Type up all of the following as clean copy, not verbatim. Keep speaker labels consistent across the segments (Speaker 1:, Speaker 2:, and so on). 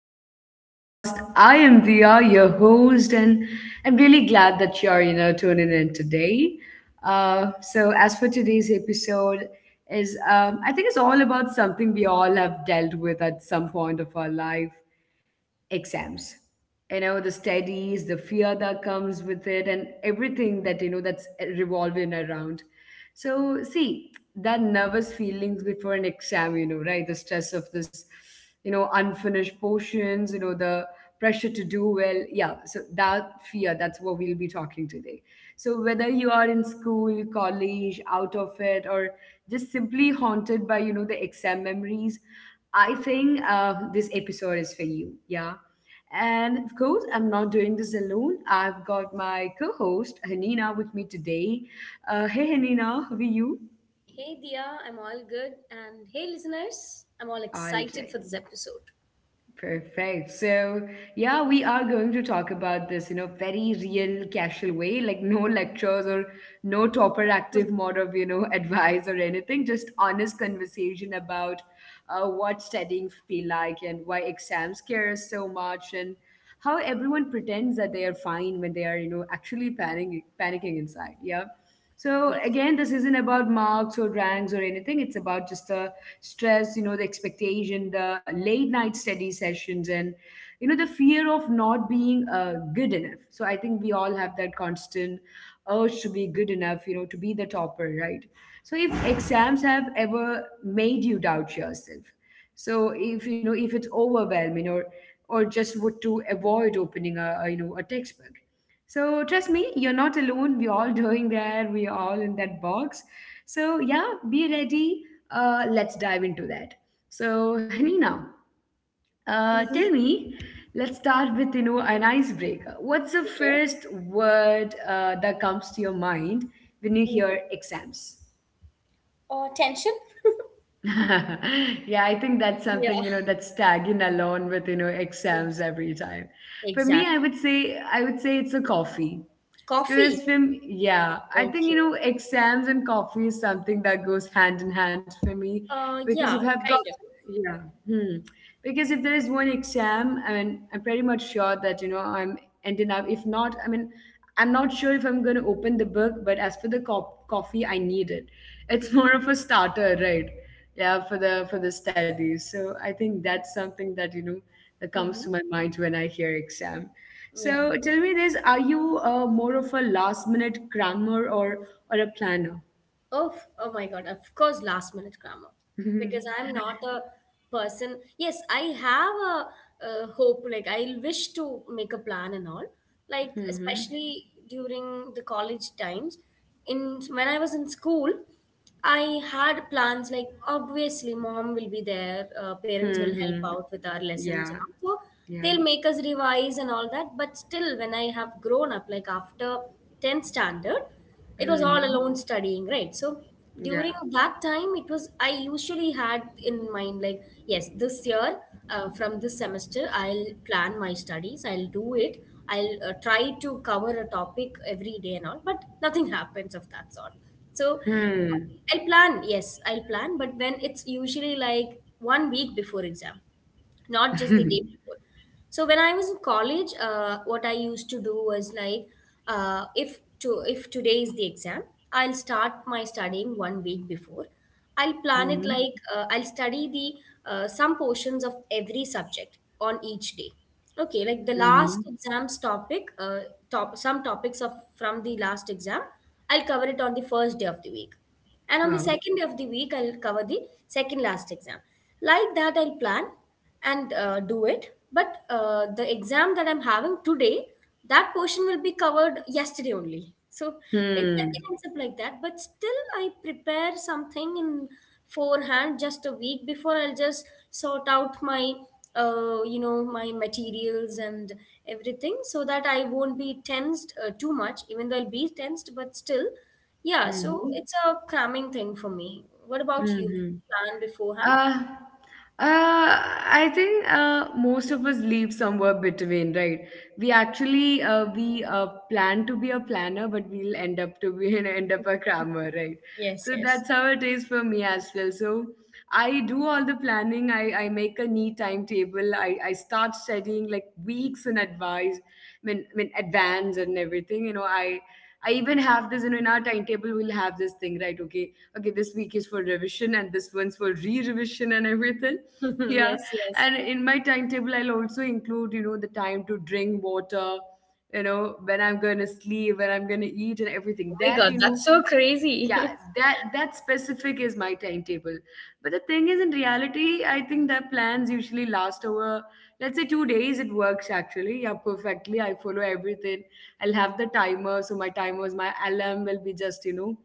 Speaker 1: back to the podcast. I am Dia, your host, and I'm really glad that you're tuning in today. So as for today's episode is I think it's all about something we all have dealt with at some point of our life, exams, the studies, the fear that comes with it, and everything that's revolving around. So see that nervous feelings before an exam, right, the stress of this, unfinished portions, the pressure to do well. Yeah. So that fear, that's what we'll be talking today. So whether you are in school, college, out of it, or just simply haunted by the exam memories, I think this episode is for you. Yeah. And of course, I'm not doing this alone. I've got my co-host Hanina with me today. Hey Hanina, how are you?
Speaker 2: Hey Dia, I'm all good. And hey listeners, I'm all
Speaker 1: All
Speaker 2: excited for
Speaker 1: right.
Speaker 2: this episode.
Speaker 1: Perfect. So, yeah, we are going to talk about this, you know, very real, casual way, like no lectures or no topper active
Speaker 2: Mhm.
Speaker 1: mode of, you know, advice or anything, just honest conversation about what studying feel like and why exams scare us so much, and how everyone pretends that they are fine when they are, you know, actually panicking, panicking inside. Yeah. So
Speaker 2: Yeah.
Speaker 1: again, this isn't about marks or ranks or anything. It's about just the stress, you know, the expectation, the late night study sessions, and the fear of not being good enough. So I think we all have that constant urge to be good enough, you know, to be the topper, right? So if exams have ever made you doubt yourself, so if you know if it's overwhelming, or just what to avoid opening a a textbook. So trust me, you're not alone. We're all doing there. We're all in that box. So yeah, be ready. Let's dive into that. So Hanina, tell
Speaker 2: Mm-hmm.
Speaker 1: me. Let's start with an icebreaker. What's the
Speaker 2: Okay.
Speaker 1: first word that comes to your mind when you hear
Speaker 2: hmm
Speaker 1: exams?
Speaker 2: Tension?
Speaker 1: Yeah, I think that's
Speaker 2: Yeah.
Speaker 1: something that's tagging along with exams
Speaker 2: Ex-
Speaker 1: every time. For me, I
Speaker 2: Exactly.
Speaker 1: would say I would say it's a coffee.
Speaker 2: Coffee?
Speaker 1: Because from yeah, I think
Speaker 2: Okay.
Speaker 1: exams and coffee is something that goes hand in hand for me. Because if
Speaker 2: Yeah,
Speaker 1: I've got,
Speaker 2: kind of.
Speaker 1: yeah. Hmm. Because if there is one exam, I mean, I'm pretty much sure that I'm ending up. If not, I mean, I'm not sure if I'm going to open the book. But as for the coffee, I need it. It's more of a starter, right? Yeah, for the studies. So I think that's something that you know that comes to
Speaker 2: Mm-hmm.
Speaker 1: my mind when I hear exam.
Speaker 2: Yeah.
Speaker 1: So tell me this, are you more of a last minute crammer, or a planner?
Speaker 2: Oh my God, of course, last minute grammar. Because
Speaker 1: Hmm.
Speaker 2: I'm not a person. Yes, I have a hope, like, I wish to make a plan and all. Like,
Speaker 1: Hmm.
Speaker 2: especially during the college times, in when I was in school, I had plans like, obviously, mom will be there, parents will help
Speaker 1: Hmm.
Speaker 2: out with our lessons and
Speaker 1: Yeah.
Speaker 2: all. So
Speaker 1: Yeah.
Speaker 2: they'll make us revise and all that. But still, when I have grown up, like after 10th standard, it was all
Speaker 1: Hmm.
Speaker 2: alone studying, right? So
Speaker 1: Yeah.
Speaker 2: during that time, it was I usually had in mind like, yes, this year, from this semester, I'll plan my studies, I'll do it. I'll try to cover a topic every day and all, but nothing happens of that sort. So
Speaker 1: Hmm.
Speaker 2: I'll plan, yes, I'll plan, but when it's usually like one week before exam, not just the day before. So when I was in college, what I used to do was like, if today is the exam, I'll start my studying one week before. I'll plan it
Speaker 1: Hmm.
Speaker 2: like, I'll study the some portions of every subject on each day. Okay, like the
Speaker 1: Hmm.
Speaker 2: last exam's topic, top some topics of from the last exam, I'll cover it on the first day of the week, and on the
Speaker 1: Wow.
Speaker 2: second day of the week, I'll cover the second last exam. Like that, I'll plan and do it. But the exam that I'm having today, that portion will be covered yesterday only. So
Speaker 1: Hmm.
Speaker 2: it ends up like that. But still, I prepare something in forehand just a week before. I'll just sort out my materials and everything so that I won't be tensed too much. Even though I'll be tensed, but still, yeah. So
Speaker 1: Hmm.
Speaker 2: it's a cramming thing for me. What about you?
Speaker 1: Hmm.
Speaker 2: Plan beforehand?
Speaker 1: Uh, uh, I think most of us leave somewhere between, right? We actually we plan to be a planner, but we'll end up to be and end up a crammer, right?
Speaker 2: Yes,
Speaker 1: So
Speaker 2: yes,
Speaker 1: that's how it is for me as well. So I do all the planning. I make a neat timetable. I start studying like weeks in advance, I mean, advance and everything. You know, I even have this, you know, in our timetable, we'll have this thing, right? Okay, okay, this week is for revision and this one's for re-revision and everything. Yeah.
Speaker 2: yes, yes.
Speaker 1: And in my timetable, I'll also include, you know, the time to drink water, you know, when I'm gonna sleep, when I'm gonna eat and everything.
Speaker 2: Oh my
Speaker 1: That,
Speaker 2: God,
Speaker 1: you know,
Speaker 2: that's so
Speaker 1: yeah,
Speaker 2: crazy.
Speaker 1: that specific is my timetable. But the thing is, in reality, I think that plans usually last over, let's say, 2 days. It works actually, yeah, perfectly. I follow everything. I'll have the timer, so my alarm will be just, you know,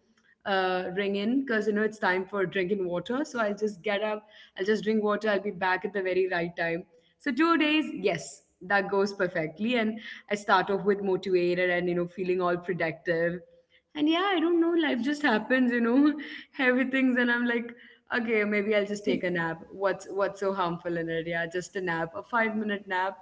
Speaker 1: ring in because, you know, it's time for drinking water, so I'll just get up, I'll just drink water, I'll be back at the very right time. So 2 days, yes, that goes perfectly. And I start off with motivated and, you know, feeling all productive. And yeah, I don't know, life just happens, you know, heavy things, and I'm like, okay, maybe I'll just take a nap. What's so harmful in it? Yeah, just a nap, a 5 minute nap,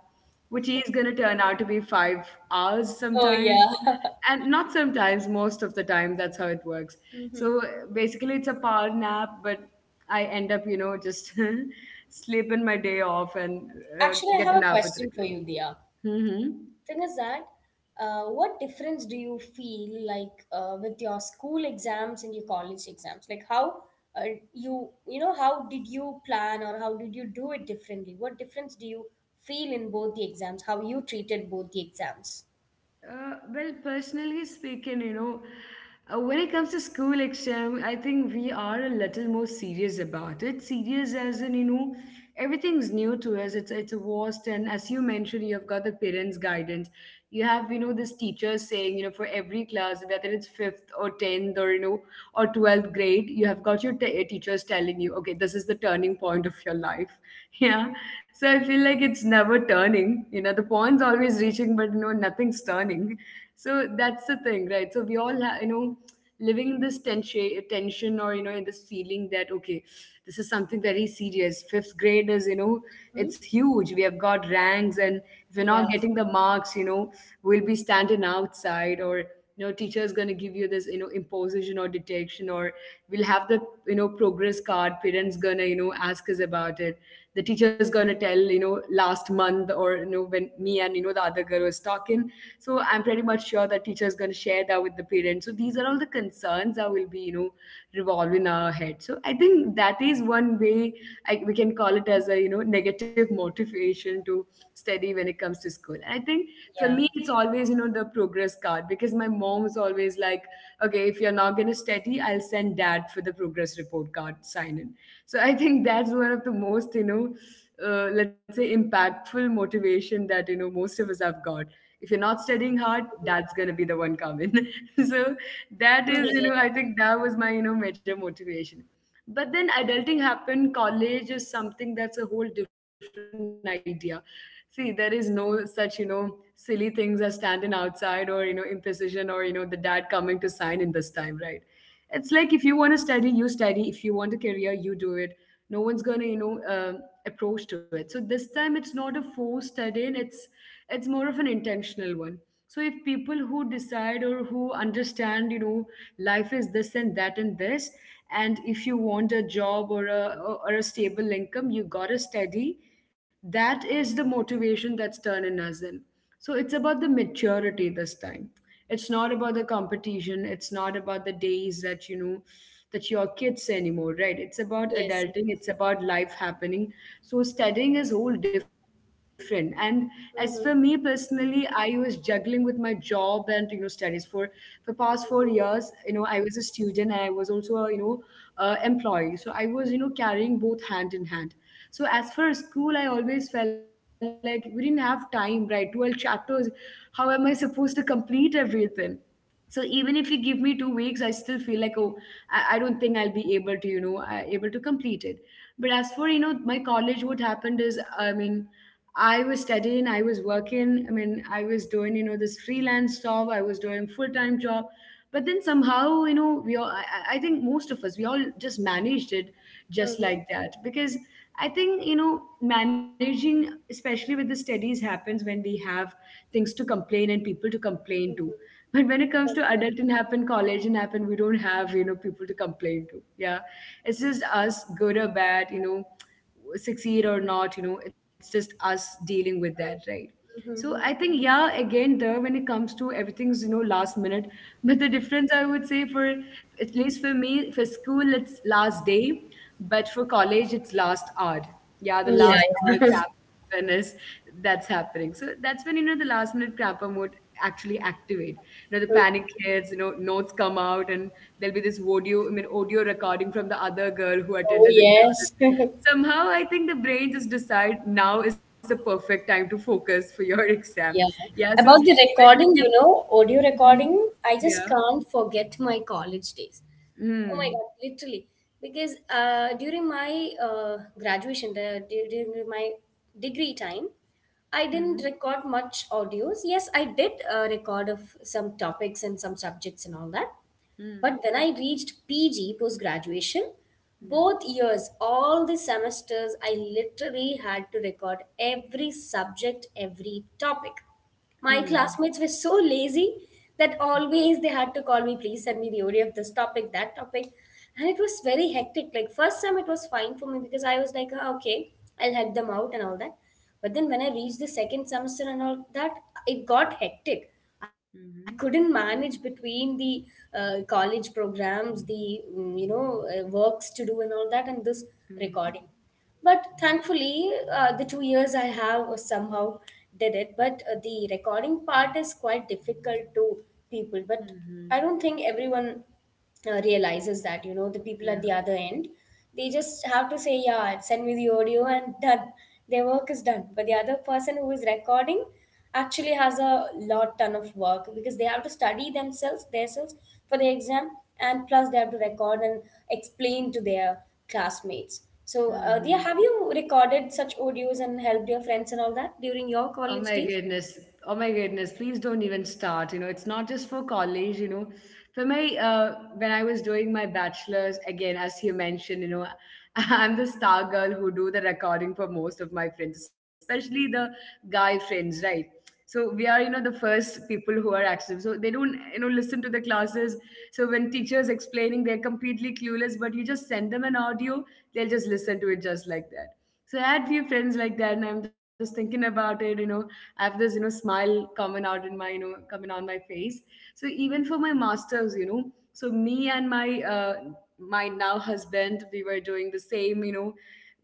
Speaker 1: which is gonna turn out to be 5 hours
Speaker 2: Oh yeah.
Speaker 1: sometimes. And not sometimes, most of the time, that's how it works. So
Speaker 2: Mhm.
Speaker 1: basically, it's a power nap, but I end up, you know, just sleeping my day off and
Speaker 2: Actually, I
Speaker 1: get
Speaker 2: have
Speaker 1: a
Speaker 2: a
Speaker 1: nap with
Speaker 2: question for
Speaker 1: regret.
Speaker 2: you, Dia.
Speaker 1: Mm-hmm.
Speaker 2: Thing is that, what difference do you feel like, with your school exams and your college exams? Like how did you plan, or how did you do it differently? What difference do you feel in both the exams? How you treated both the exams?
Speaker 1: Well, personally speaking, you know, when it comes to school exam, I think we are a little more serious about it. Serious as in, you know, everything's new to us. It's a vast, and as you mentioned, you've got the parents' guidance. You have, you know, this teacher saying, you know, for every class, whether it's fifth or tenth or or 12th grade, you have got your teachers telling you, okay, this is the turning point of your life. Yeah. So I feel like it's never turning. You know, the point's always reaching, but no know nothing's turning. So that's the thing, right? So we all you know, living in this tension, tension, or, you know, in this feeling that okay, this is something very serious. Fifth grade is, you know,
Speaker 2: Hmm?
Speaker 1: it's huge. We have got ranks, and if we're not
Speaker 2: Yeah.
Speaker 1: getting the marks, you know, we'll be standing outside, or no teacher is going to give you this, you know, imposition or detection. Or we'll have the, you know, progress card, parents going to, you know, ask us about it. The teacher is going to tell, you know, last month, or, you know, when me and, you know, the other girl was talking. So I'm pretty much sure that teacher is going to share that with the parents. So these are all the concerns that will be, you know, revolving our head. So I think that is one way we can call it as a, you know, negative motivation to study when it comes to school. And I think for
Speaker 2: Yeah.
Speaker 1: me, it's always, you know, the progress card, because my mom is always like, okay, if you're not going to study, I'll send dad for the progress report card sign in. So I think that's one of the most, you know, let's say impactful motivation that, you know, most of us have got. If you're not studying hard, dad's going to be the one coming. So that
Speaker 2: Hmm.
Speaker 1: is, you know, I
Speaker 2: Yeah.
Speaker 1: think that was my, you know, major motivation. But then adulting happened, college is something that's a whole different idea. See, there is no such, you know, silly things as standing outside or, you know, imprecision, or, you know, the dad coming to sign in this time, right? It's like if you want to study, you study. If you want a career, you do it. No one's gonna, you know, approach to it. So this time it's not a forced studying, it's more of an intentional one. So if people who decide or who understand, you know, life is this and that and this, and if you want a job, or a stable income, you got to study. That is the motivation that's turning us in. So it's about the maturity this time. It's not about the competition. It's not about the days that, you know, that you're kids anymore, right? It's about
Speaker 2: Yes.
Speaker 1: adulting. It's about life happening. So studying is all different. And as for me
Speaker 2: Mm-hmm.
Speaker 1: personally, I was juggling with my job and, you know, studies for past 4 years. You know, I was a student, and I was also a, you know, employee. So I was, you know, carrying both hand in hand. So as for school, I always felt like we didn't have time, right? 12 chapters. How am I supposed to complete everything? So even if you give me 2 weeks, I still feel like, oh, I don't think I'll be able to, you know, able to complete it. But as for, you know, my college, what happened is, I mean, I was studying, I was working. I mean, I was doing, you know, this freelance job, I was doing full-time job. But then somehow, you know, we all, I think most of us, we all just managed it just
Speaker 2: Mm-hmm.
Speaker 1: like that. Because I think, you know, managing, especially with the studies, happens when we have things to complain and people to complain to. But when it comes to adult and happen, college and happen, we don't have, you know, people to complain to. Yeah. It's just us, good or bad, you know, succeed or not, you know, it's just us dealing with that, right? So
Speaker 2: Mm-hmm.
Speaker 1: I
Speaker 2: Mm-hmm.
Speaker 1: think, yeah, again, there when it comes to everything's, you know, last minute but the difference I would say for at least for me for school it's last day, but for college it's last hour. Yeah, the
Speaker 2: Yeah.
Speaker 1: last hour crappiness that's happening. So that's when, you know, the last minute crapper mode actually activate, you know, the panic hits, you know, notes come out, and there'll be this audio I mean audio recording from the other girl who
Speaker 2: Oh,
Speaker 1: attended the class.
Speaker 2: yes.
Speaker 1: Somehow, I think the brain just decide now is the perfect time to focus for your exam.
Speaker 2: Yeah.
Speaker 1: Yeah, so
Speaker 2: About the
Speaker 1: even if
Speaker 2: recording,
Speaker 1: you,
Speaker 2: you know, audio
Speaker 1: mhm,
Speaker 2: recording, I just
Speaker 1: yeah,
Speaker 2: can't forget my college days. Oh my
Speaker 1: mm,
Speaker 2: God, literally. Because during my graduation, during my degree time, I
Speaker 1: mm,
Speaker 2: didn't record much audios. Yes, I did record of some topics and some subjects and all that. But
Speaker 1: mm,
Speaker 2: when I reached PG post graduation,
Speaker 1: yeah,
Speaker 2: both years, all the semesters, I literally had to record every subject, every topic. My
Speaker 1: mm,
Speaker 2: classmates were so lazy that always they had to call me, please send me the OD of this topic, that topic. And it was very hectic. Like, first time it was fine for me because I was like, "Ah, okay, I'll help them out and all that." But then when I reached the second semester and all that, it got hectic. I couldn't
Speaker 1: mm,
Speaker 2: manage between the college programs, the works to do and all that, and this recording.
Speaker 1: mm,
Speaker 2: But thankfully, the 2 years I have somehow did it. But the recording part is quite difficult to people. But I
Speaker 1: mm,
Speaker 2: don't think everyone realizes that the people at
Speaker 1: yeah,
Speaker 2: the other end, they just have to say, yeah, send me the audio, and done, their work is done. But the other person who is recording actually has a lot ton of work, because they have to study themselves for the exam, and plus they have to record and explain to their classmates. So dear,
Speaker 1: mm.
Speaker 2: have you recorded such audios and helped your friends and all that during
Speaker 1: Oh
Speaker 2: your
Speaker 1: my
Speaker 2: college days?
Speaker 1: goodness. Oh my goodness. Please don't even start. You know, it's not just for college, you know. For my when I was doing my bachelor's, again, as you mentioned, you know, I'm the star girl who do the recording for most of my friends, especially the guy friends, right? So we are, you know, the first people who are active, so they don't, you know, listen to the classes. So when teachers explaining, they're completely clueless, but you just send them an audio, they'll just listen to it just like that. So I had few friends like that, and I'm just thinking about it, you know, I have this, you know, smile coming out in my, you know, coming on my face. So even for my masters, you know, so me and my my now husband we were doing the same, you know,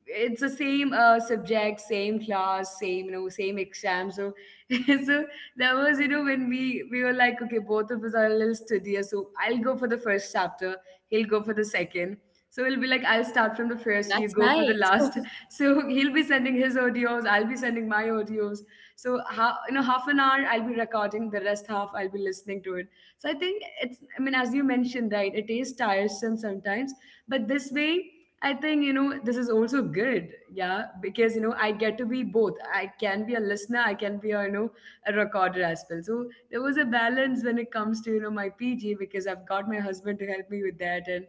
Speaker 1: it's the same subject, same class, same, you know, same exam. So so that was, you know, when we were like, okay, both of us are a little studious, so I'll go for the first chapter, he'll go for the second. So we'll be like, I'll start from the first, you
Speaker 2: That's
Speaker 1: go for the
Speaker 2: nice.
Speaker 1: last. So he'll be sending his audios, I'll be sending my audios. So how, you know, half an hour I'll be recording, the rest half I'll be listening to it. So I think it's, I mean, as you mentioned, right, it is tiresome sometimes, but this way I think, you know, this is also good. Yeah. Because, you know, I get to be both. I can be a listener, I can be a, you know, a recorder as well. So there was a balance when it comes to, you know, my PG because I've got my husband to help me with that. And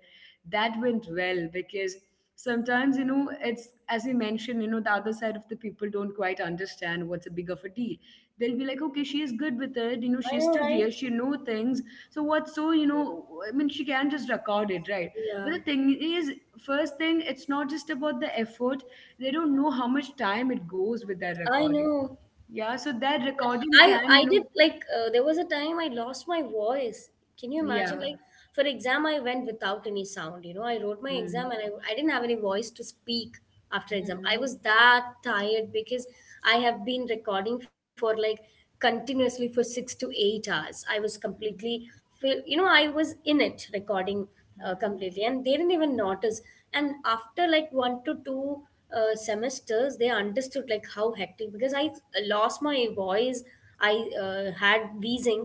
Speaker 1: that went well because sometimes, you know, it's, as you mentioned, you know, the other side of the people don't quite understand what's a big of a deal. They'll be like, okay, she is good with it, you know,
Speaker 2: I
Speaker 1: she
Speaker 2: know,
Speaker 1: stood here,
Speaker 2: right?
Speaker 1: she know things, so what's, so, you know, I mean, she can just record it, right? But
Speaker 2: Yeah,
Speaker 1: the thing is, first thing, it's not just about the effort, they don't know how much time it goes with that
Speaker 2: I
Speaker 1: recording.
Speaker 2: know.
Speaker 1: Yeah, so that recording
Speaker 2: I
Speaker 1: can, you
Speaker 2: I
Speaker 1: know,
Speaker 2: did like, there was a time I lost my voice. Can you imagine?
Speaker 1: yeah,
Speaker 2: Like, for exam, I went without any sound. I wrote my exam, and
Speaker 1: mhm,
Speaker 2: I didn't have any voice to speak after exam. I
Speaker 1: mhm,
Speaker 2: was that tired because I have been recording for like, continuously, for 6 to 8 hours. I was completely
Speaker 1: mhm,
Speaker 2: feel, I was in it recording
Speaker 1: mhm,
Speaker 2: completely, and they didn't even notice. And after like one to two semesters, they understood like how hectic, because I lost my voice, I had wheezing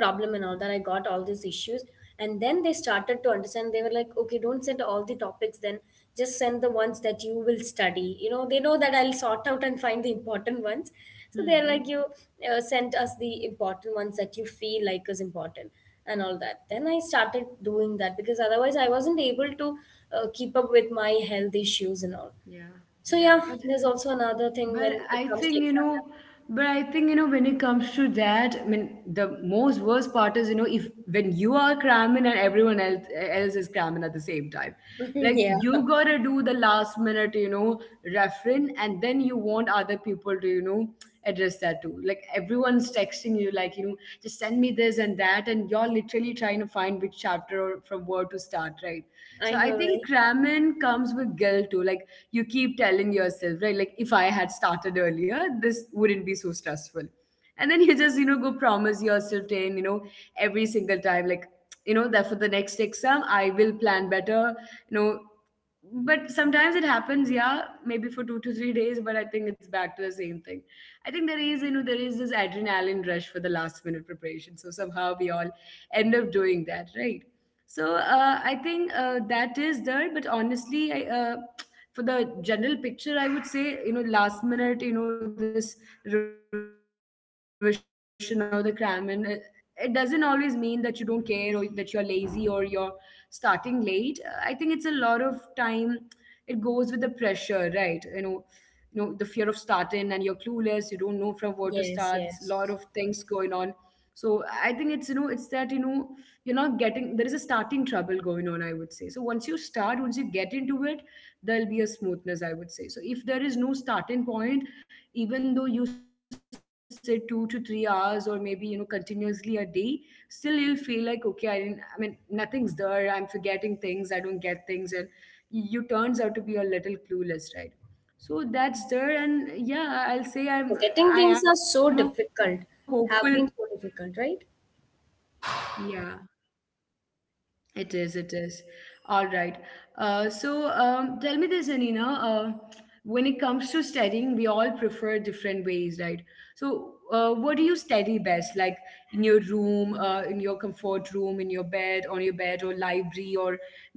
Speaker 2: problem and all that, I got all these issues. And then they started to understand. They were like, okay, don't send all the topics then, just send the ones that you will study. They know that I'll sort out and find the important ones. So they're like,
Speaker 1: mhm,
Speaker 2: you send us the important ones that you feel like is important and all
Speaker 1: mhm,
Speaker 2: that. Then I started doing that because otherwise I wasn't able to keep up with my health issues and all.
Speaker 1: yeah,
Speaker 2: So
Speaker 1: yeah,
Speaker 2: yeah,
Speaker 1: but
Speaker 2: there's also another thing
Speaker 1: But
Speaker 2: when it
Speaker 1: I
Speaker 2: comes to
Speaker 1: think, you
Speaker 2: exam.
Speaker 1: know, but I think, you know, when it comes to that, I mean, the most worst part is, you know, if when you are cramming and everyone else is cramming at the same time, like,
Speaker 2: Yeah,
Speaker 1: you gotta do the last minute, you know, reference, and then you want other people to, you know, address that too. Like everyone's texting you, like, you know, just send me this and that, and you're literally trying to find which chapter or from where to start, right?
Speaker 2: I
Speaker 1: So I
Speaker 2: know,
Speaker 1: think
Speaker 2: right?
Speaker 1: cramming comes with guilt too. Like you keep telling yourself, right? Like if I had started earlier, this wouldn't be so stressful. And then you just, you know, go promise yourself 10, you know, every single time, like, you know, that for the next exam, I will plan better, you know, but sometimes it happens, yeah, maybe for 2 to 3 days, but I think it's back to the same thing. I think there is, you know, there is this adrenaline rush for the last minute preparation, so somehow we all end up doing that, right? So I think that is there, but honestly, I for the general picture I would say, you know, last minute, you know, this revision or the cramming, it doesn't always mean that you don't care or that you're lazy or you're starting late. I think it's a lot of time, it goes with the pressure, right? You know, you know, the fear of starting, and you're clueless, you don't know from where to start. It's a lot of
Speaker 2: Yes,
Speaker 1: things
Speaker 2: yes.
Speaker 1: going on. So I think it's, you know, it's that, you know, you're not getting, there is a starting trouble going on, I would say. So once you start, once you get into it, there'll be a smoothness, I would say. So if there is no starting point, even though you sit 2 to 3 hours or maybe, you know, continuously a day, still you'll feel like, okay, I didn't, I mean, nothing's there, I'm forgetting things, I don't get things, and you turns out to be a little clueless, right? So that's there,
Speaker 2: Yeah.
Speaker 1: and yeah, I'll say I'm I
Speaker 2: Forgetting
Speaker 1: am a
Speaker 2: things are so
Speaker 1: hopeful.
Speaker 2: difficult, have been so
Speaker 1: Yeah,
Speaker 2: difficult, right?
Speaker 1: it is. It is. All right. So tell me this, Anina. When it comes to studying, we all prefer different ways, right? So what do you study best? Like in your room, in your comfort room, in your bed, on your bed, or library, or maybe cafe.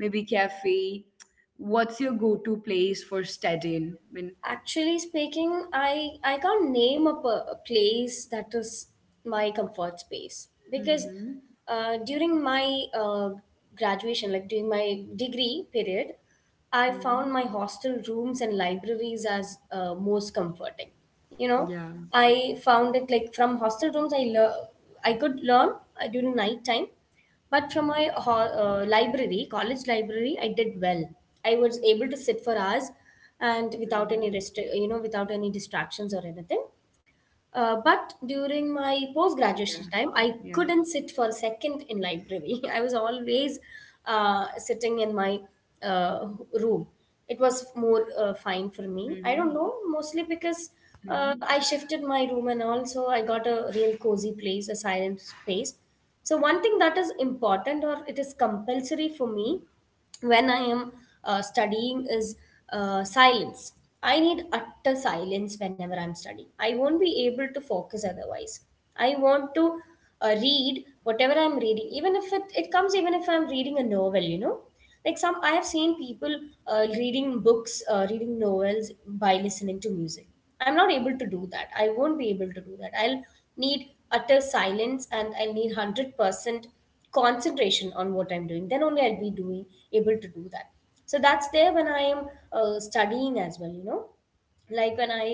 Speaker 1: What's your go-to place for studying? I mean,
Speaker 2: Actually speaking, I can't name a place that is my comfort space, because during my graduation, like during my degree period, I found my
Speaker 1: hmm,
Speaker 2: hostel rooms and libraries as most comforting. You know,
Speaker 1: yeah,
Speaker 2: I found it like, from hostel rooms, I could learn during night time. But from my library, college library, I did well. I was able to sit for hours and without any
Speaker 1: hmm,
Speaker 2: rest, without any distractions or anything.
Speaker 1: yeah,
Speaker 2: Uh,
Speaker 1: yeah,
Speaker 2: but during my post graduation time, I couldn't sit for a second in library. I was always sitting in my uh, room. It was more
Speaker 1: hmm,
Speaker 2: fine for me. I don't know, mostly
Speaker 1: hmm.
Speaker 2: because I shifted my room and also I got a real cozy place, a silent space. So one thing that is important or it is compulsory for me when I am studying is silence. I need utter silence whenever I'm studying. I won't be able to focus otherwise. I want to read whatever I'm reading, even if it comes, even if I'm reading a novel. Like, some, I have seen people reading books, reading novels by listening to music. I'm not able to do that. I won't be able to do that. I'll need utter silence and I'll need 100% concentration on what I'm doing. Then only I'll be doing able to do that. So that's there when I am studying as well. Like, when I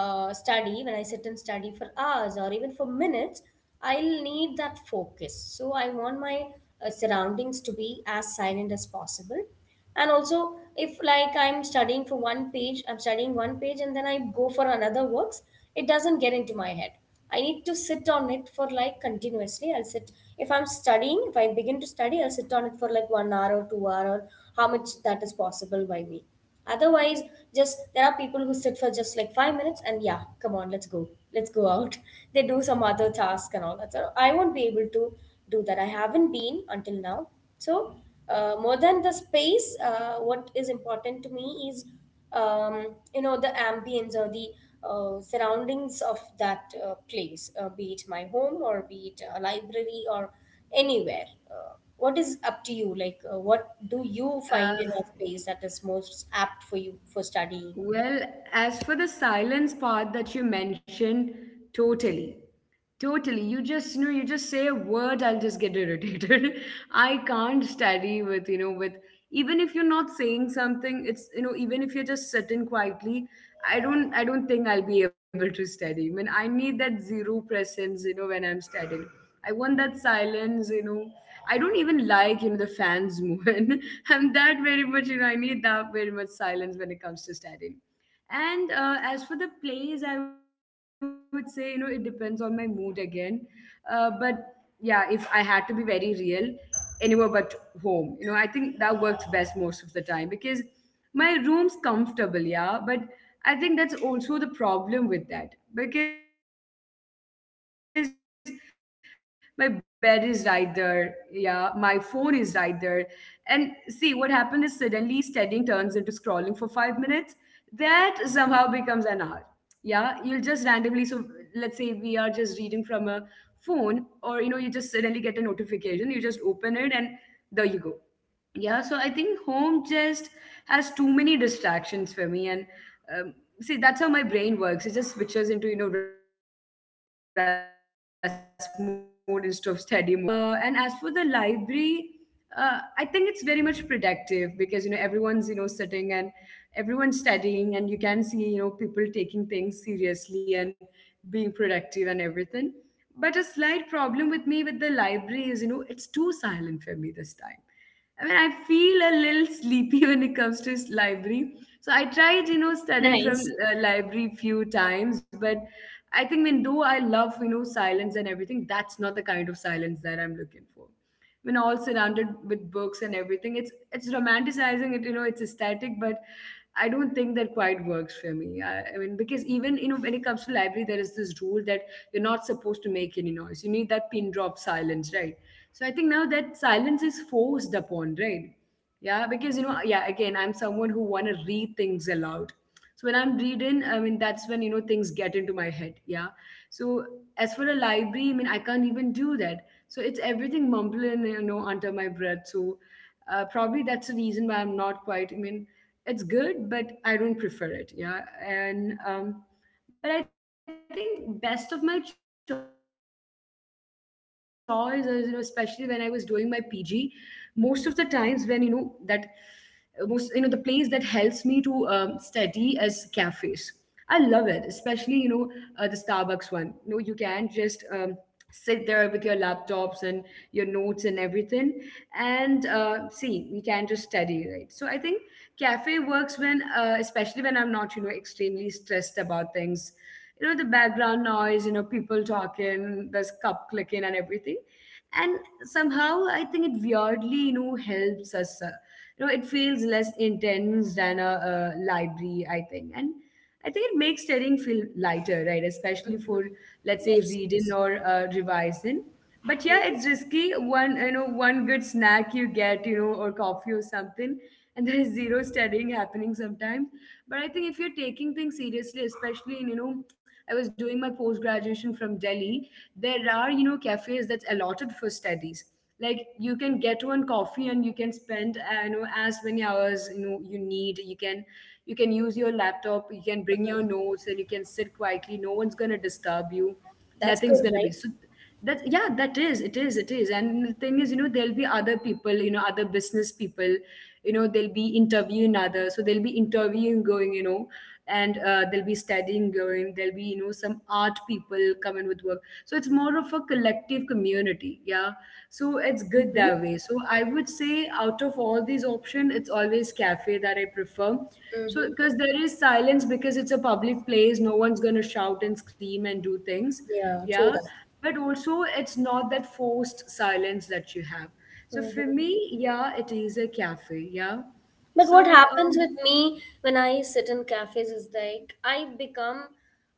Speaker 2: study, when I sit and study for hours or even for minutes, I'll need that focus. So I want my surroundings to be as silent as possible. And also, if like, I'm studying for one page, I'm studying one page, and then I go for another works, it doesn't get into my head. I need to sit on it for like, continuously, I'll sit. If I begin to study, I'll sit on it for like 1 hour or 2 hour, or how much that is possible by me. Otherwise, just, there are people who sit for just like 5 minutes and, yeah, come on, let's go out. They do some other task and all that. So I won't be able to do that. I haven't been until now. So, more than the space, what is important to me is um, the ambience or the surroundings of that place, be it my home or be it a library or anywhere. What is up to you, like, what do you find in
Speaker 1: Uh,
Speaker 2: a space that is most apt for you for studying?
Speaker 1: well, as for the silence part that you mentioned, totally. Totally. You just, you know, you just say a word, I'll just get irritated. I can't study with, you know, with, even if you're not saying something, it's, you know, even if you're just sitting quietly, I don't think I'll be able to study. I mean, I need that zero presence, you know, when I'm studying. I want that silence, you know. I don't even like, you know, the fans moving. I'm that very much, you know, I need that very much silence when it comes to studying. And as for the plays, I would say, you know, it depends on my mood again. But yeah, if I had to be very real, anywhere but home, you know, I think that works best most of the time because my room's comfortable, yeah, but I think that's also the problem with that because my bed is right there, yeah, my phone is right there. And see, what happened is suddenly studying turns into scrolling for 5 minutes. That somehow becomes an hour. Yeah, you'll just randomly, so let's say we are just reading from a phone, or you know, you just suddenly get a notification, you just open it, and there you go. Yeah, so I think home just has too many distractions for me, and um, see that's how my brain works. It just switches into, you know, rest mode instead of study mode whenever I'm in my room. So I don't quite prefer my room. And as for the library, I think it's very much productive because, you know, everyone's, you know, sitting and everyone's studying, and you can see, you know, people taking things seriously and being productive and everything. But a slight problem with me with the library is, you know, it's too silent for me this time. I mean, I feel a little sleepy when it comes to s- library. So I tried, you know, studying from
Speaker 2: Nice.
Speaker 1: library few times, but I think, when though I love, you know, silence and everything, that's not the kind of silence that I'm looking for. When all surrounded with books and everything, it's romanticizing it, you know, it's aesthetic, but I don't think that quite works for me. I mean, because even, you know, when it comes to library, there is this rule that you're not supposed to make any noise. You need that pin drop silence, right? So I think now that silence is forced upon, right? Yeah, because, you know, yeah, again, I'm someone who want to read things aloud. So when I'm reading, I mean, that's when, you know, things get into my head. Yeah. So as for a library, I mean, I can't even do that. So it's everything mumbling, you know, under my breath. Probably that's the reason why I'm not quite. I mean, it's good, but I don't prefer it. Yeah, and but I think best of my choice is, you know, especially when I was doing my PG, most of the times when you know that most, you know, the place that helps me to study is cafes. I love it, especially, you know, the Starbucks one. You know, you can just sit there with your laptops and your notes and everything, and see, we can just study, right? So I think cafe works when, especially when I'm not, you know, extremely stressed about things. You know, the background noise, you know, people talking, there's cup clicking and everything, and somehow I think it weirdly, you know, helps us, you know, it feels less intense than a library, I think. And I think it makes studying feel lighter, right? Especially
Speaker 2: Mm-hmm.
Speaker 1: for, let's say,
Speaker 2: Yes.
Speaker 1: reading or revising. But yeah,
Speaker 2: Mhm.
Speaker 1: it's risky. One, you know, one good snack you get, you know, or coffee or something, and there is zero studying happening sometimes. But I think if you're taking things seriously, especially in, you know, I was doing my post graduation from Delhi, there are, you know, cafes that's allotted for studies. Like you can get one coffee and you can spend, you know, as many hours you know you need. You can, you can use your laptop, you can bring
Speaker 2: Mm.
Speaker 1: your notes, and you can sit quietly. No one's going to disturb you,
Speaker 2: That's
Speaker 1: nothing's
Speaker 2: good,
Speaker 1: going to
Speaker 2: right?
Speaker 1: be so. That, yeah, that is, it is. And the thing is, you know, there'll be other people, you know, other business people, you know, they'll be interviewing others, so they'll be interviewing going, you know, and they'll be studying going, there'll be, you know, some art people coming with work. So it's more of a collective community. Yeah, so it's good
Speaker 2: Mm-hmm.
Speaker 1: that way. So I would say, out of all these options, it's always cafe that I prefer. So
Speaker 2: Mm-hmm.
Speaker 1: because there is silence, because it's a public place, no one's going to shout and scream and do things.
Speaker 2: Yeah, true
Speaker 1: Yeah,
Speaker 2: that.
Speaker 1: but also it's not that forced silence that you have. So for
Speaker 2: hmm
Speaker 1: me, yeah, it is a cafe. yeah
Speaker 2: But what
Speaker 1: so
Speaker 2: happens with
Speaker 1: um
Speaker 2: me when I sit in cafes is like, I become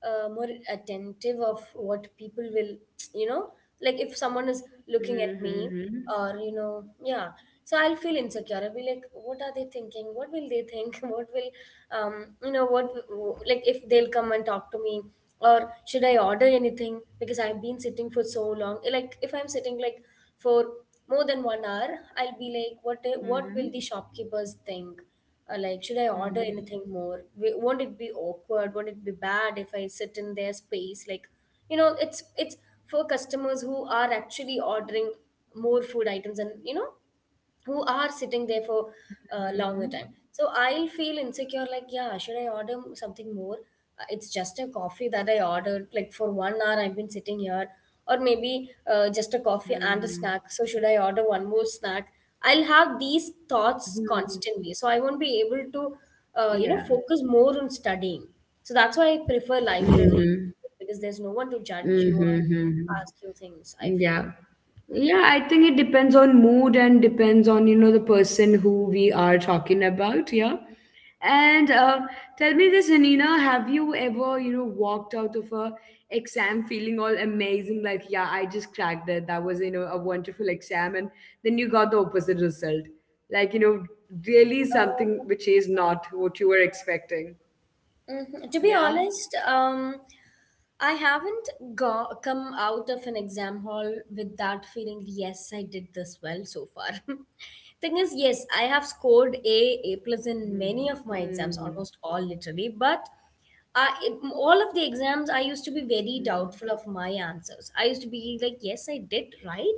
Speaker 2: more attentive of what people will, you know, like, if someone is
Speaker 1: mhm, mhm.
Speaker 2: looking at me, or, yeah. So I'll feel insecure. I'll be like, what are they thinking? What will they think? What will, um, you know, what, like, if they'll come and talk to me, or should I order anything? Because I've been sitting for so long. Like if I'm sitting like for more than 1 hour, I'll be like, what
Speaker 1: Mhm.
Speaker 2: will the shopkeepers think, like should I order
Speaker 1: Mhm.
Speaker 2: anything more? Won't it be awkward? Won't it be bad if I sit in their space? Like, it's for customers who are actually ordering more food items, and, you know, who are sitting there for
Speaker 1: Mhm.
Speaker 2: a longer time. So I'll feel insecure. Like, yeah, should I order something more? It's just a coffee that I ordered. Like, for 1 hour I've been sitting here. Or maybe just a coffee and a
Speaker 1: Mhm.
Speaker 2: snack. So should I order one more snack? I'll have these thoughts
Speaker 1: Mhm.
Speaker 2: constantly. So I won't be able to,
Speaker 1: Yeah.
Speaker 2: focus more on studying. So that's why I prefer library,
Speaker 1: Mhm.
Speaker 2: because there's no one to judge you or
Speaker 1: Mhm. Mhm.
Speaker 2: ask you things, I feel.
Speaker 1: Yeah. Yeah, I think it depends on mood and depends on, you know, the person who we are talking about. Yeah. And Tell me this, Anina, have you ever, you know, walked out of a exam feeling all amazing, like, yeah, I just cracked it. That was, you know, a wonderful exam, and then you got the opposite result. Like, you know, really something which is not what you were expecting.
Speaker 2: Mhm. To be
Speaker 1: Yeah.
Speaker 2: honest, I haven't come out of an exam hall with that feeling, yes, I did this well so far. Thing is, yes, I
Speaker 1: Hmm.
Speaker 2: have scored A
Speaker 1: Hmm.
Speaker 2: plus in many of my exams, almost all literally, but I, all of the exams, I
Speaker 1: Hmm.
Speaker 2: used to be very doubtful of my answers. I used to be like, yes, I did right,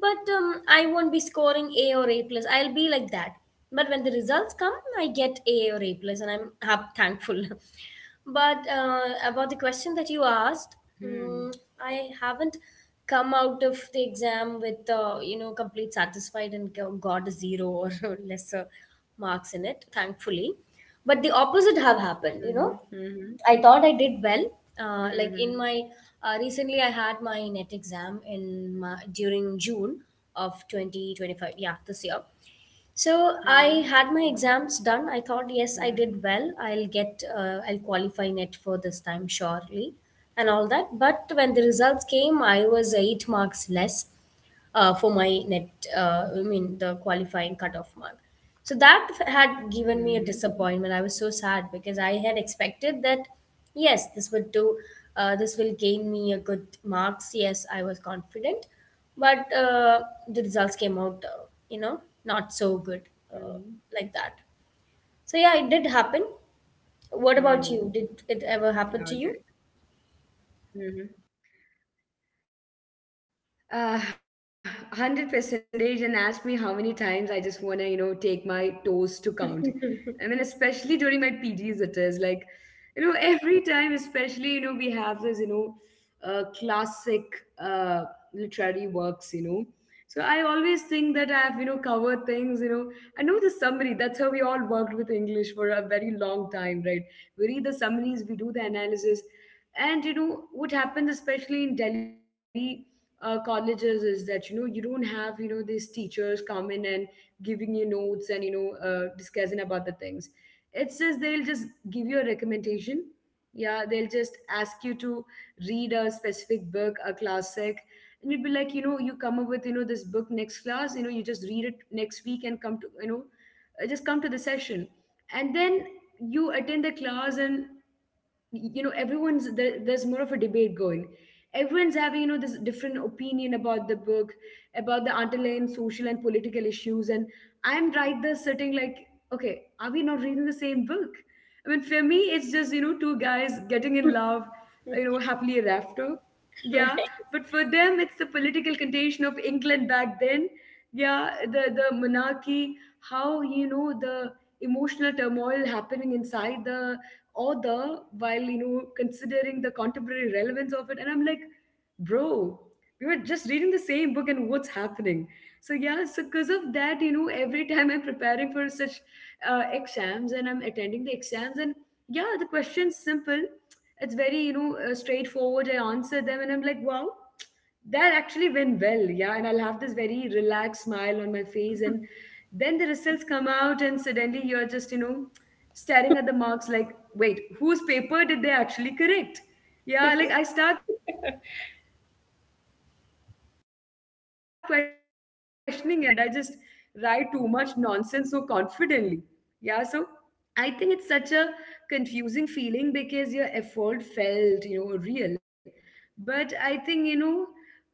Speaker 2: but I won't be scoring A or A plus. I'll be like that. But when the results come, I get A or A plus, and I'm thankful. But about the question that you asked,
Speaker 1: Hmm.
Speaker 2: mm I haven't come out of the exam with complete satisfied and got a zero or lesser marks in it, thankfully. But the opposite have happened, you know. I
Speaker 1: Hmm.
Speaker 2: thought I did well. Like in
Speaker 1: Hmm.
Speaker 2: my
Speaker 1: Hmm.
Speaker 2: recently, I had my net exam in my, during June of 2025. Yeah, this year. So
Speaker 1: Mm-hmm.
Speaker 2: I had my exams done. I thought,
Speaker 1: Yeah.
Speaker 2: yes, I did well. I'll qualify net for this time surely, and all that. But when the results came, I was 8 marks
Speaker 1: Mm-hmm.
Speaker 2: less, for my net, I mean, the qualifying cutoff mark. So that had given me a disappointment. I was so sad
Speaker 1: Mm-hmm.
Speaker 2: because I had expected that, yes, this would do. This will gain me a good marks. Yes, I was confident, but the results came out, you know, not so
Speaker 1: Mm-hmm.
Speaker 2: good, uh, like that. So yeah, it did happen. What
Speaker 1: Mm-hmm.
Speaker 2: about you? Did it ever
Speaker 1: All
Speaker 2: happen to you?
Speaker 1: right. Mm-hmm. Uh, 100 percentage, and ask me how many times I just want to, you know, take my toes to count. I mean,
Speaker 2: Exactly.
Speaker 1: especially during my PGs, it is like, you know, every time, especially, you know, we have this, you know, classic literary works, you know. So I always think that I've, you know, covered things, you know. I know the summary. That's how we all worked with English for a very long time, right? We read the summaries, we do the analysis. And, you know, what happened, especially in Delhi, colleges, is that you know you don't have, you know, these teachers come in and giving you notes and you know, discussing about the things. It's just they'll just give you a recommendation. Yeah, they'll just ask you to read a specific book, a classic, and you'd be like, you know, you come up with, you know, this book next class. You know, you just read it next week and come to, you know, just come to the session. And then you attend the class, and you know everyone's there, there's more of a debate going, everyone's having, you know, this different opinion about the book, about the underlying social and political issues. And I'm right there sitting like, okay, are we not reading the same book? I mean, for me it's just, you know, two guys getting in love, you know, happily ever after. Yeah, but for them, it's the political condition of England back then. Yeah, the monarchy, how you know the emotional turmoil happening inside the author while, you know, considering the contemporary relevance of it. And I'm like, bro, we were just reading the same book, and what's happening? So yeah, so because of that, you know, every time I'm preparing for such exams, and I'm attending the exams, and yeah, the question's simple, it's very, you know, straightforward. I answer them and I'm like, wow, that actually went well. Yeah, and I'll have this very relaxed smile on my face. And then the results come out, and suddenly you're just, you know, staring at the marks like, wait, whose paper did they actually correct? Yeah, like I start questioning everything, like, did I just misunderstand the question, or did I just overthink, did I just write too much nonsense so confidently? Yeah, so I think it's such a confusing feeling because your effort felt, you know, real. But I think, you know,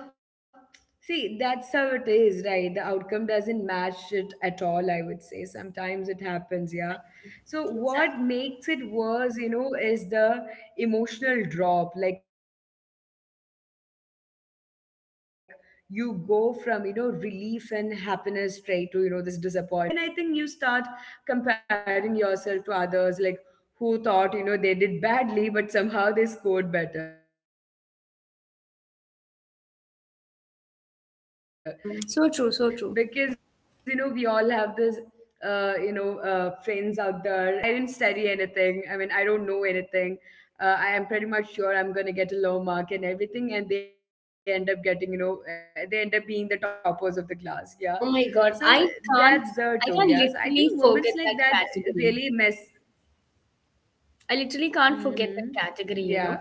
Speaker 1: uh, See, that's how it is, right? The outcome doesn't match it at all, I would say. Sometimes it happens, yeah. So, what makes it worse, you know, is the emotional drop. Like, you go from, you know, relief and happiness straight to, you know, this disappointment and self-doubt, just like that, with your marks and everything. And then I think you start comparing yourself to others, like who thought, you know, they did badly but somehow they scored better. Because, you know, we all have this you know, friends out there,
Speaker 2: Hmm. So
Speaker 1: in
Speaker 2: true,
Speaker 1: our
Speaker 2: so
Speaker 1: class,
Speaker 2: true.
Speaker 1: who are like, okay, yeah, I mean, I mean, I didn't study anything, I mean I don't know anything, I am pretty much sure I'm gonna get a low mark and everything. And they end up getting, you know, they end up being the toppers of the class. Yeah, so that's the too. Yeah, so
Speaker 2: Oh
Speaker 1: I
Speaker 2: my
Speaker 1: think
Speaker 2: God,
Speaker 1: moments
Speaker 2: I
Speaker 1: like that
Speaker 2: can't. I
Speaker 1: really
Speaker 2: can't
Speaker 1: mess.
Speaker 2: literally forget that category. I
Speaker 1: Hmm.
Speaker 2: literally can't forget
Speaker 1: Yeah,
Speaker 2: that
Speaker 1: so I
Speaker 2: category,
Speaker 1: think,
Speaker 2: you know?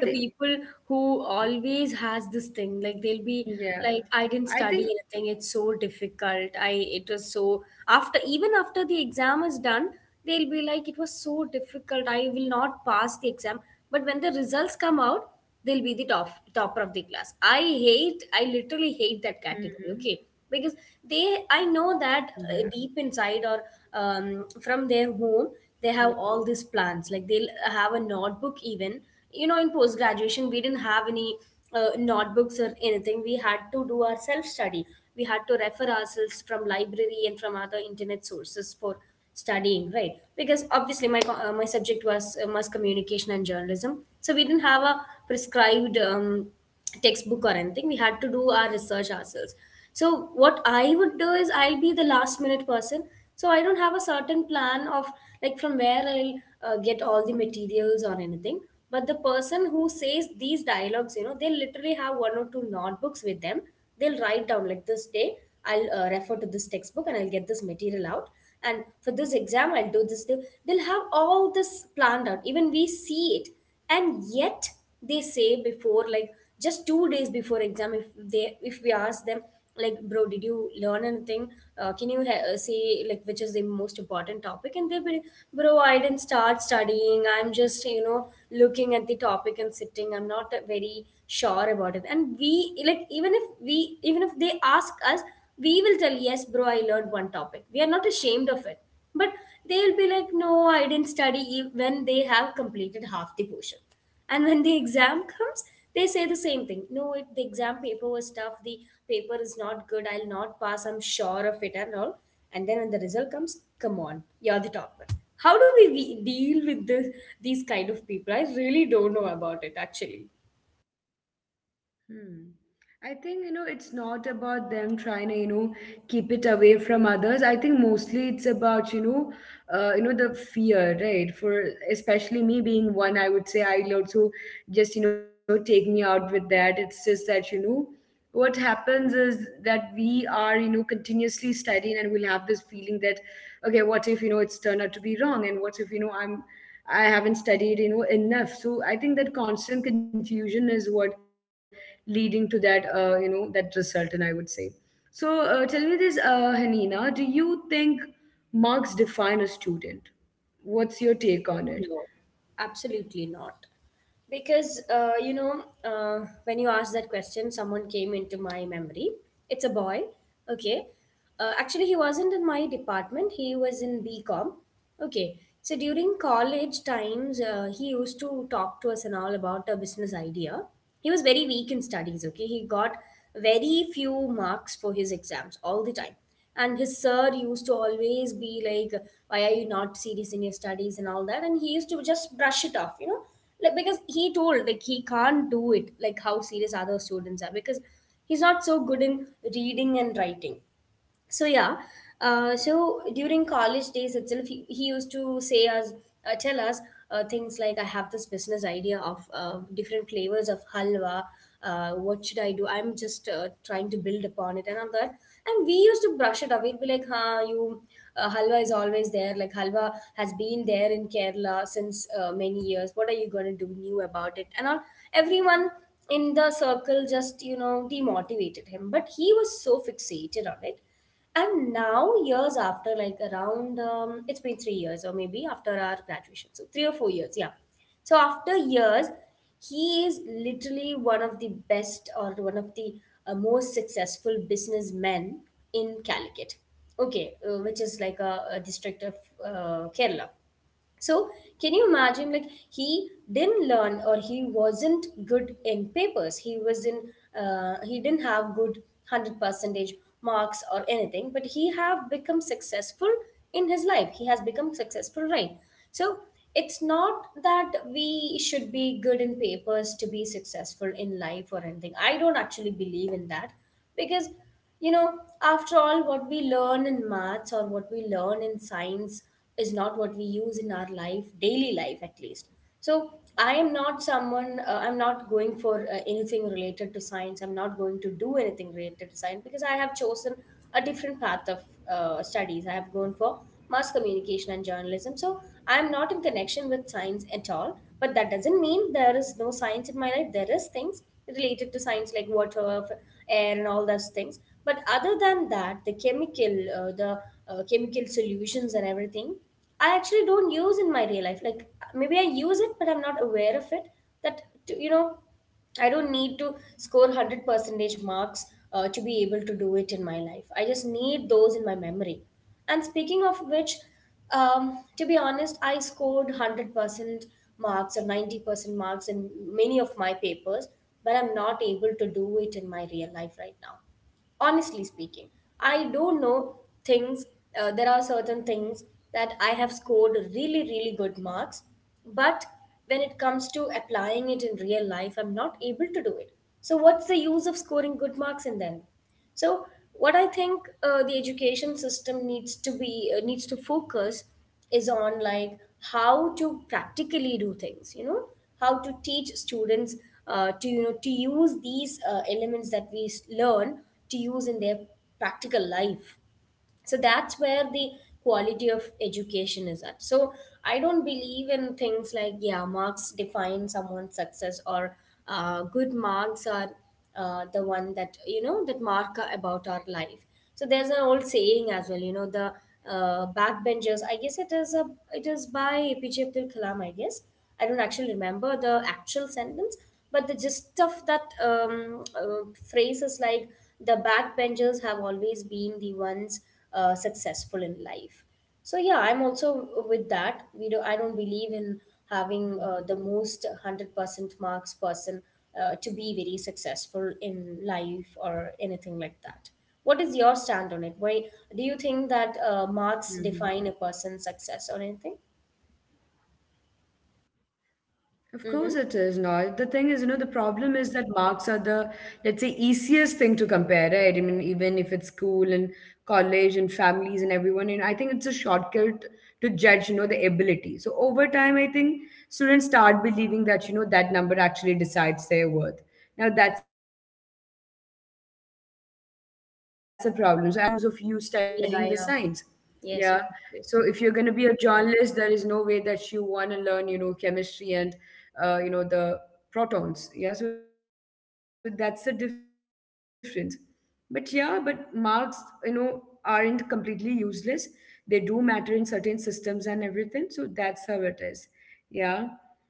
Speaker 2: The people
Speaker 1: yeah,
Speaker 2: who
Speaker 1: I
Speaker 2: always
Speaker 1: think,
Speaker 2: has this thing, like, they'll be like, I didn't study anything, it's so difficult. I It was so, after even after the exam is done, they'll be like, it was so difficult, I will not pass the exam. But when the results come out, they'll be the topper of the class.
Speaker 1: hmm,
Speaker 2: I hate, I literally
Speaker 1: yeah.
Speaker 2: hate that category, okay? Because they I know that,
Speaker 1: Hmm.
Speaker 2: deep inside, or from their home, they have all these plans. Like, they'll have a notebook even, you know. In post graduation we didn't have any notebooks or anything. We had to do our self study. We had to refer ourselves from library and from other internet sources for studying, right? Because obviously my my subject was mass communication and journalism, so we didn't have a prescribed textbook or anything. We had to do our research ourselves. So what I would do is, I'll be the last minute person. So I don't have a certain plan of, like, from where I'll get all the materials or anything. But the person who says these dialogues, you know, they literally have one or two notebooks with them. They'll write down, like, this day I'll refer to this textbook and I'll get this material out. And for this exam, I'll do this. They'll have all this planned out. Even we see it. And yet they say before, like, just 2 days before exam, if they if we ask them, like, bro, did you learn anything? Say, like, which is the most important topic? And they'll be like, bro, I didn't start studying. I'm just, you know, looking at the topic and sitting. I'm not very sure about it. And we, like, even if they ask us, we will tell, yes, bro, I learned one topic. We are not ashamed of it. But they'll be like, no, I didn't study when they have completed half the portion. And when the exam comes, they say the same thing. No, the exam paper was tough. The paper is not good. I'll not pass. I'm sure of it and all. And then when the result comes, come on, you're the topper. How do we deal with this these kind of people? I really don't know about it actually.
Speaker 1: Hmm. I think, you know, it's not about them trying to, you know, keep it away from others. I think mostly it's about, you know, the fear, right? For especially me being one, I would say I'll also just, you know, take me out with that. It's just that, you know, what happens is that we are, you know, continuously studying, and we'll have this feeling that, okay, what if, you know, it's turned out to be wrong, and what if, you know, I'm, I haven't studied, you know, enough. So I think that constant confusion is what leading to that, you know, that result. And I would say, so tell me this, Hanina, do you think marks define a student? What's your take on it?
Speaker 2: No, absolutely not. Because, you know, when you asked that question, someone came into my memory. It's a boy, okay? Actually, he wasn't in my department, he was in B Com. Okay, so during college times, he used to talk to us and all about a business idea. He was very weak in studies, okay? He got very few marks for his exams all the time. And his sir used to always be like, why are you not serious in your studies and all that? And he used to just brush it off, you know, like, because he told, like, he can't do it like how serious other students are, because he's not so good in reading and writing. So yeah, so during college days itself, he used to say us, tell us things like, "I have this business idea of different flavors of halwa. What should I do? I'm just trying to build upon it and all that." And we used to brush it away. We'd be like, "Huh, you halwa is always there. Like, halwa has been there in Kerala since many years. What are you going to do new about it?" And all everyone in the circle just, you know, demotivated him, but he was so fixated on it. And now, years after, like, around, it's been 3 years, or maybe after our graduation, so 3 or 4 years, yeah. So, after years, he is literally one of the best, or one of the most successful businessmen in Calicut, okay, which is like a district of Kerala. So, can you imagine? Like, he didn't learn, or he wasn't good in papers. He was in, he didn't have good 100 percentage marks or anything, but he have become successful in his life. He has become successful, right? So, it's not that we should be good in papers to be successful in life or anything. I don't actually believe in that, because, you know, after all, what we learn in maths or what we learn in science is not what we use in our life, daily life at least. So I am not someone, I'm not going for anything related to science. I'm not going to do anything related to science because I have chosen a different path of studies. I have gone for mass communication and journalism. So I am not in connection with science at all. But that doesn't mean there is no science in my life. There is things related to science, like water, air and all those things. But other than that, the chemical, the chemical solutions and everything, I actually don't use in my real life. Like, maybe I use it, but I'm not aware of it. That to, you know, I don't need to score 100 percentage marks to be able to do it in my life. I just need those in my memory. And speaking of which, to be honest, I scored 100% marks or 90% marks in many of my papers, but I'm not able to do it in my real life right now. Honestly speaking, I do know things. There are certain things that I have scored really really good marks, but when it comes to applying it in real life, I'm not able to do it. So what's the use of scoring good marks in them? So what I think, the education system needs to be needs to focus is on, like, how to practically do things. You know, how to teach students, to, you know, to use these elements that we learn, to use in their practical life. So that's where the quality of education is at. So I don't believe in things like, yeah, marks define someone's success, or good marks are the one that, you know, that mark about our life. So there's an old saying as well, you know, the backbenchers, I guess. It is by APJ Abdul Kalam, I guess. I don't actually remember the actual sentence, but the gist of that uh, phrase is like, the backbenchers have always been the ones successful in life. So yeah, I'm also with that. We do I don't believe in having the most 100% marks person to be very successful in life or anything like that. What is your stand on it? Why do you think that
Speaker 1: Mhm.
Speaker 2: marks define a person's success or anything?
Speaker 1: Of course it
Speaker 2: Mm-hmm.
Speaker 1: is not. The thing is, you know, the problem is that marks are the, let's say, easiest thing to compare, right? I mean, even if it's school and college and families and everyone, and I think it's a shortcut to judge, you know, the ability. So over time, I think students start believing that, you know, that number actually decides their worth. Now that's the problem. So as you mentioned, you know, if you're gonna be, you know, in Olympics, what's the use of you
Speaker 2: Yeah,
Speaker 1: studying the
Speaker 2: yeah.
Speaker 1: science?
Speaker 2: Yes,
Speaker 1: Yeah.
Speaker 2: exactly.
Speaker 1: So if you're going to be a journalist, there is no way that you want to learn, you know, chemistry and, you know, the protons. Yeah. So that's the difference. But yeah, but marks, you know, aren't completely useless. They do matter in certain systems and everything. So that's how it is. Yeah.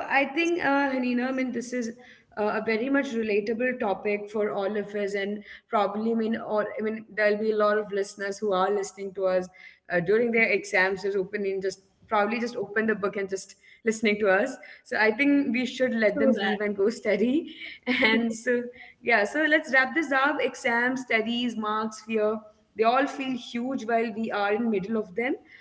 Speaker 1: So
Speaker 2: Yes,
Speaker 1: I think,
Speaker 2: yes, yes.
Speaker 1: Hanina, I mean, this is a very much relatable topic for all of us. And probably, I mean, all, I mean, there'll be a lot of listeners who are listening to us during their exams, just opening, just probably just open the book and just listening to us. So I think we should let them
Speaker 2: True
Speaker 1: leave
Speaker 2: that.
Speaker 1: and go study. And so, yeah, so let's wrap this up. Exams, studies, marks, fear, they all feel huge while we are in middle of them.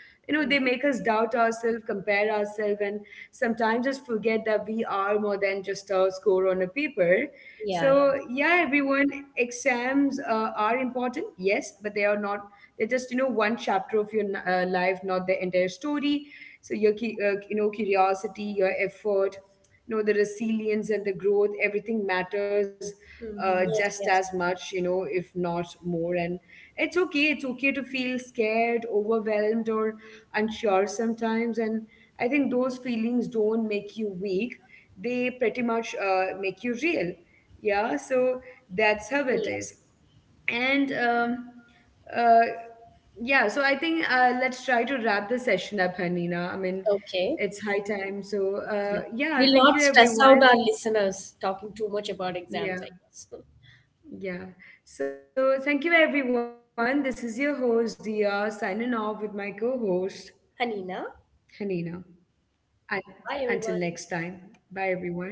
Speaker 1: You know, they
Speaker 2: Mhm.
Speaker 1: make us doubt ourselves, compare ourselves, and sometimes just forget that we are more than just a score on a paper.
Speaker 2: Yeah, yeah.
Speaker 1: So yeah, everyone, exams are important, yes, but they are not, they're just, you know, one chapter of your life, not the entire story. So your you know, curiosity, your effort, you know, the resilience and the growth, everything matters,
Speaker 2: Mm-hmm.
Speaker 1: just
Speaker 2: Yes,
Speaker 1: as
Speaker 2: yes,
Speaker 1: much, you know, if not more. And it's okay, it's okay to feel scared, overwhelmed, or unsure sometimes. And I think those feelings don't make you weak, they pretty much make you real. Yeah, so that's how it
Speaker 2: yes.
Speaker 1: is. And um, uh, yeah, so I think, let's try to wrap the session up, Hanina. I mean,
Speaker 2: Okay.
Speaker 1: it's high time. So
Speaker 2: Yeah.
Speaker 1: yeah,
Speaker 2: We'll
Speaker 1: thank
Speaker 2: not
Speaker 1: you
Speaker 2: stress out
Speaker 1: everyone.
Speaker 2: our listeners talking too much about exams, I
Speaker 1: Yeah,
Speaker 2: guess.
Speaker 1: yeah. So thank you everyone, this is your host Dia signing off with my co-host
Speaker 2: Hanina,
Speaker 1: Hanina, and
Speaker 2: bye
Speaker 1: until next
Speaker 2: everyone.
Speaker 1: time, bye everyone.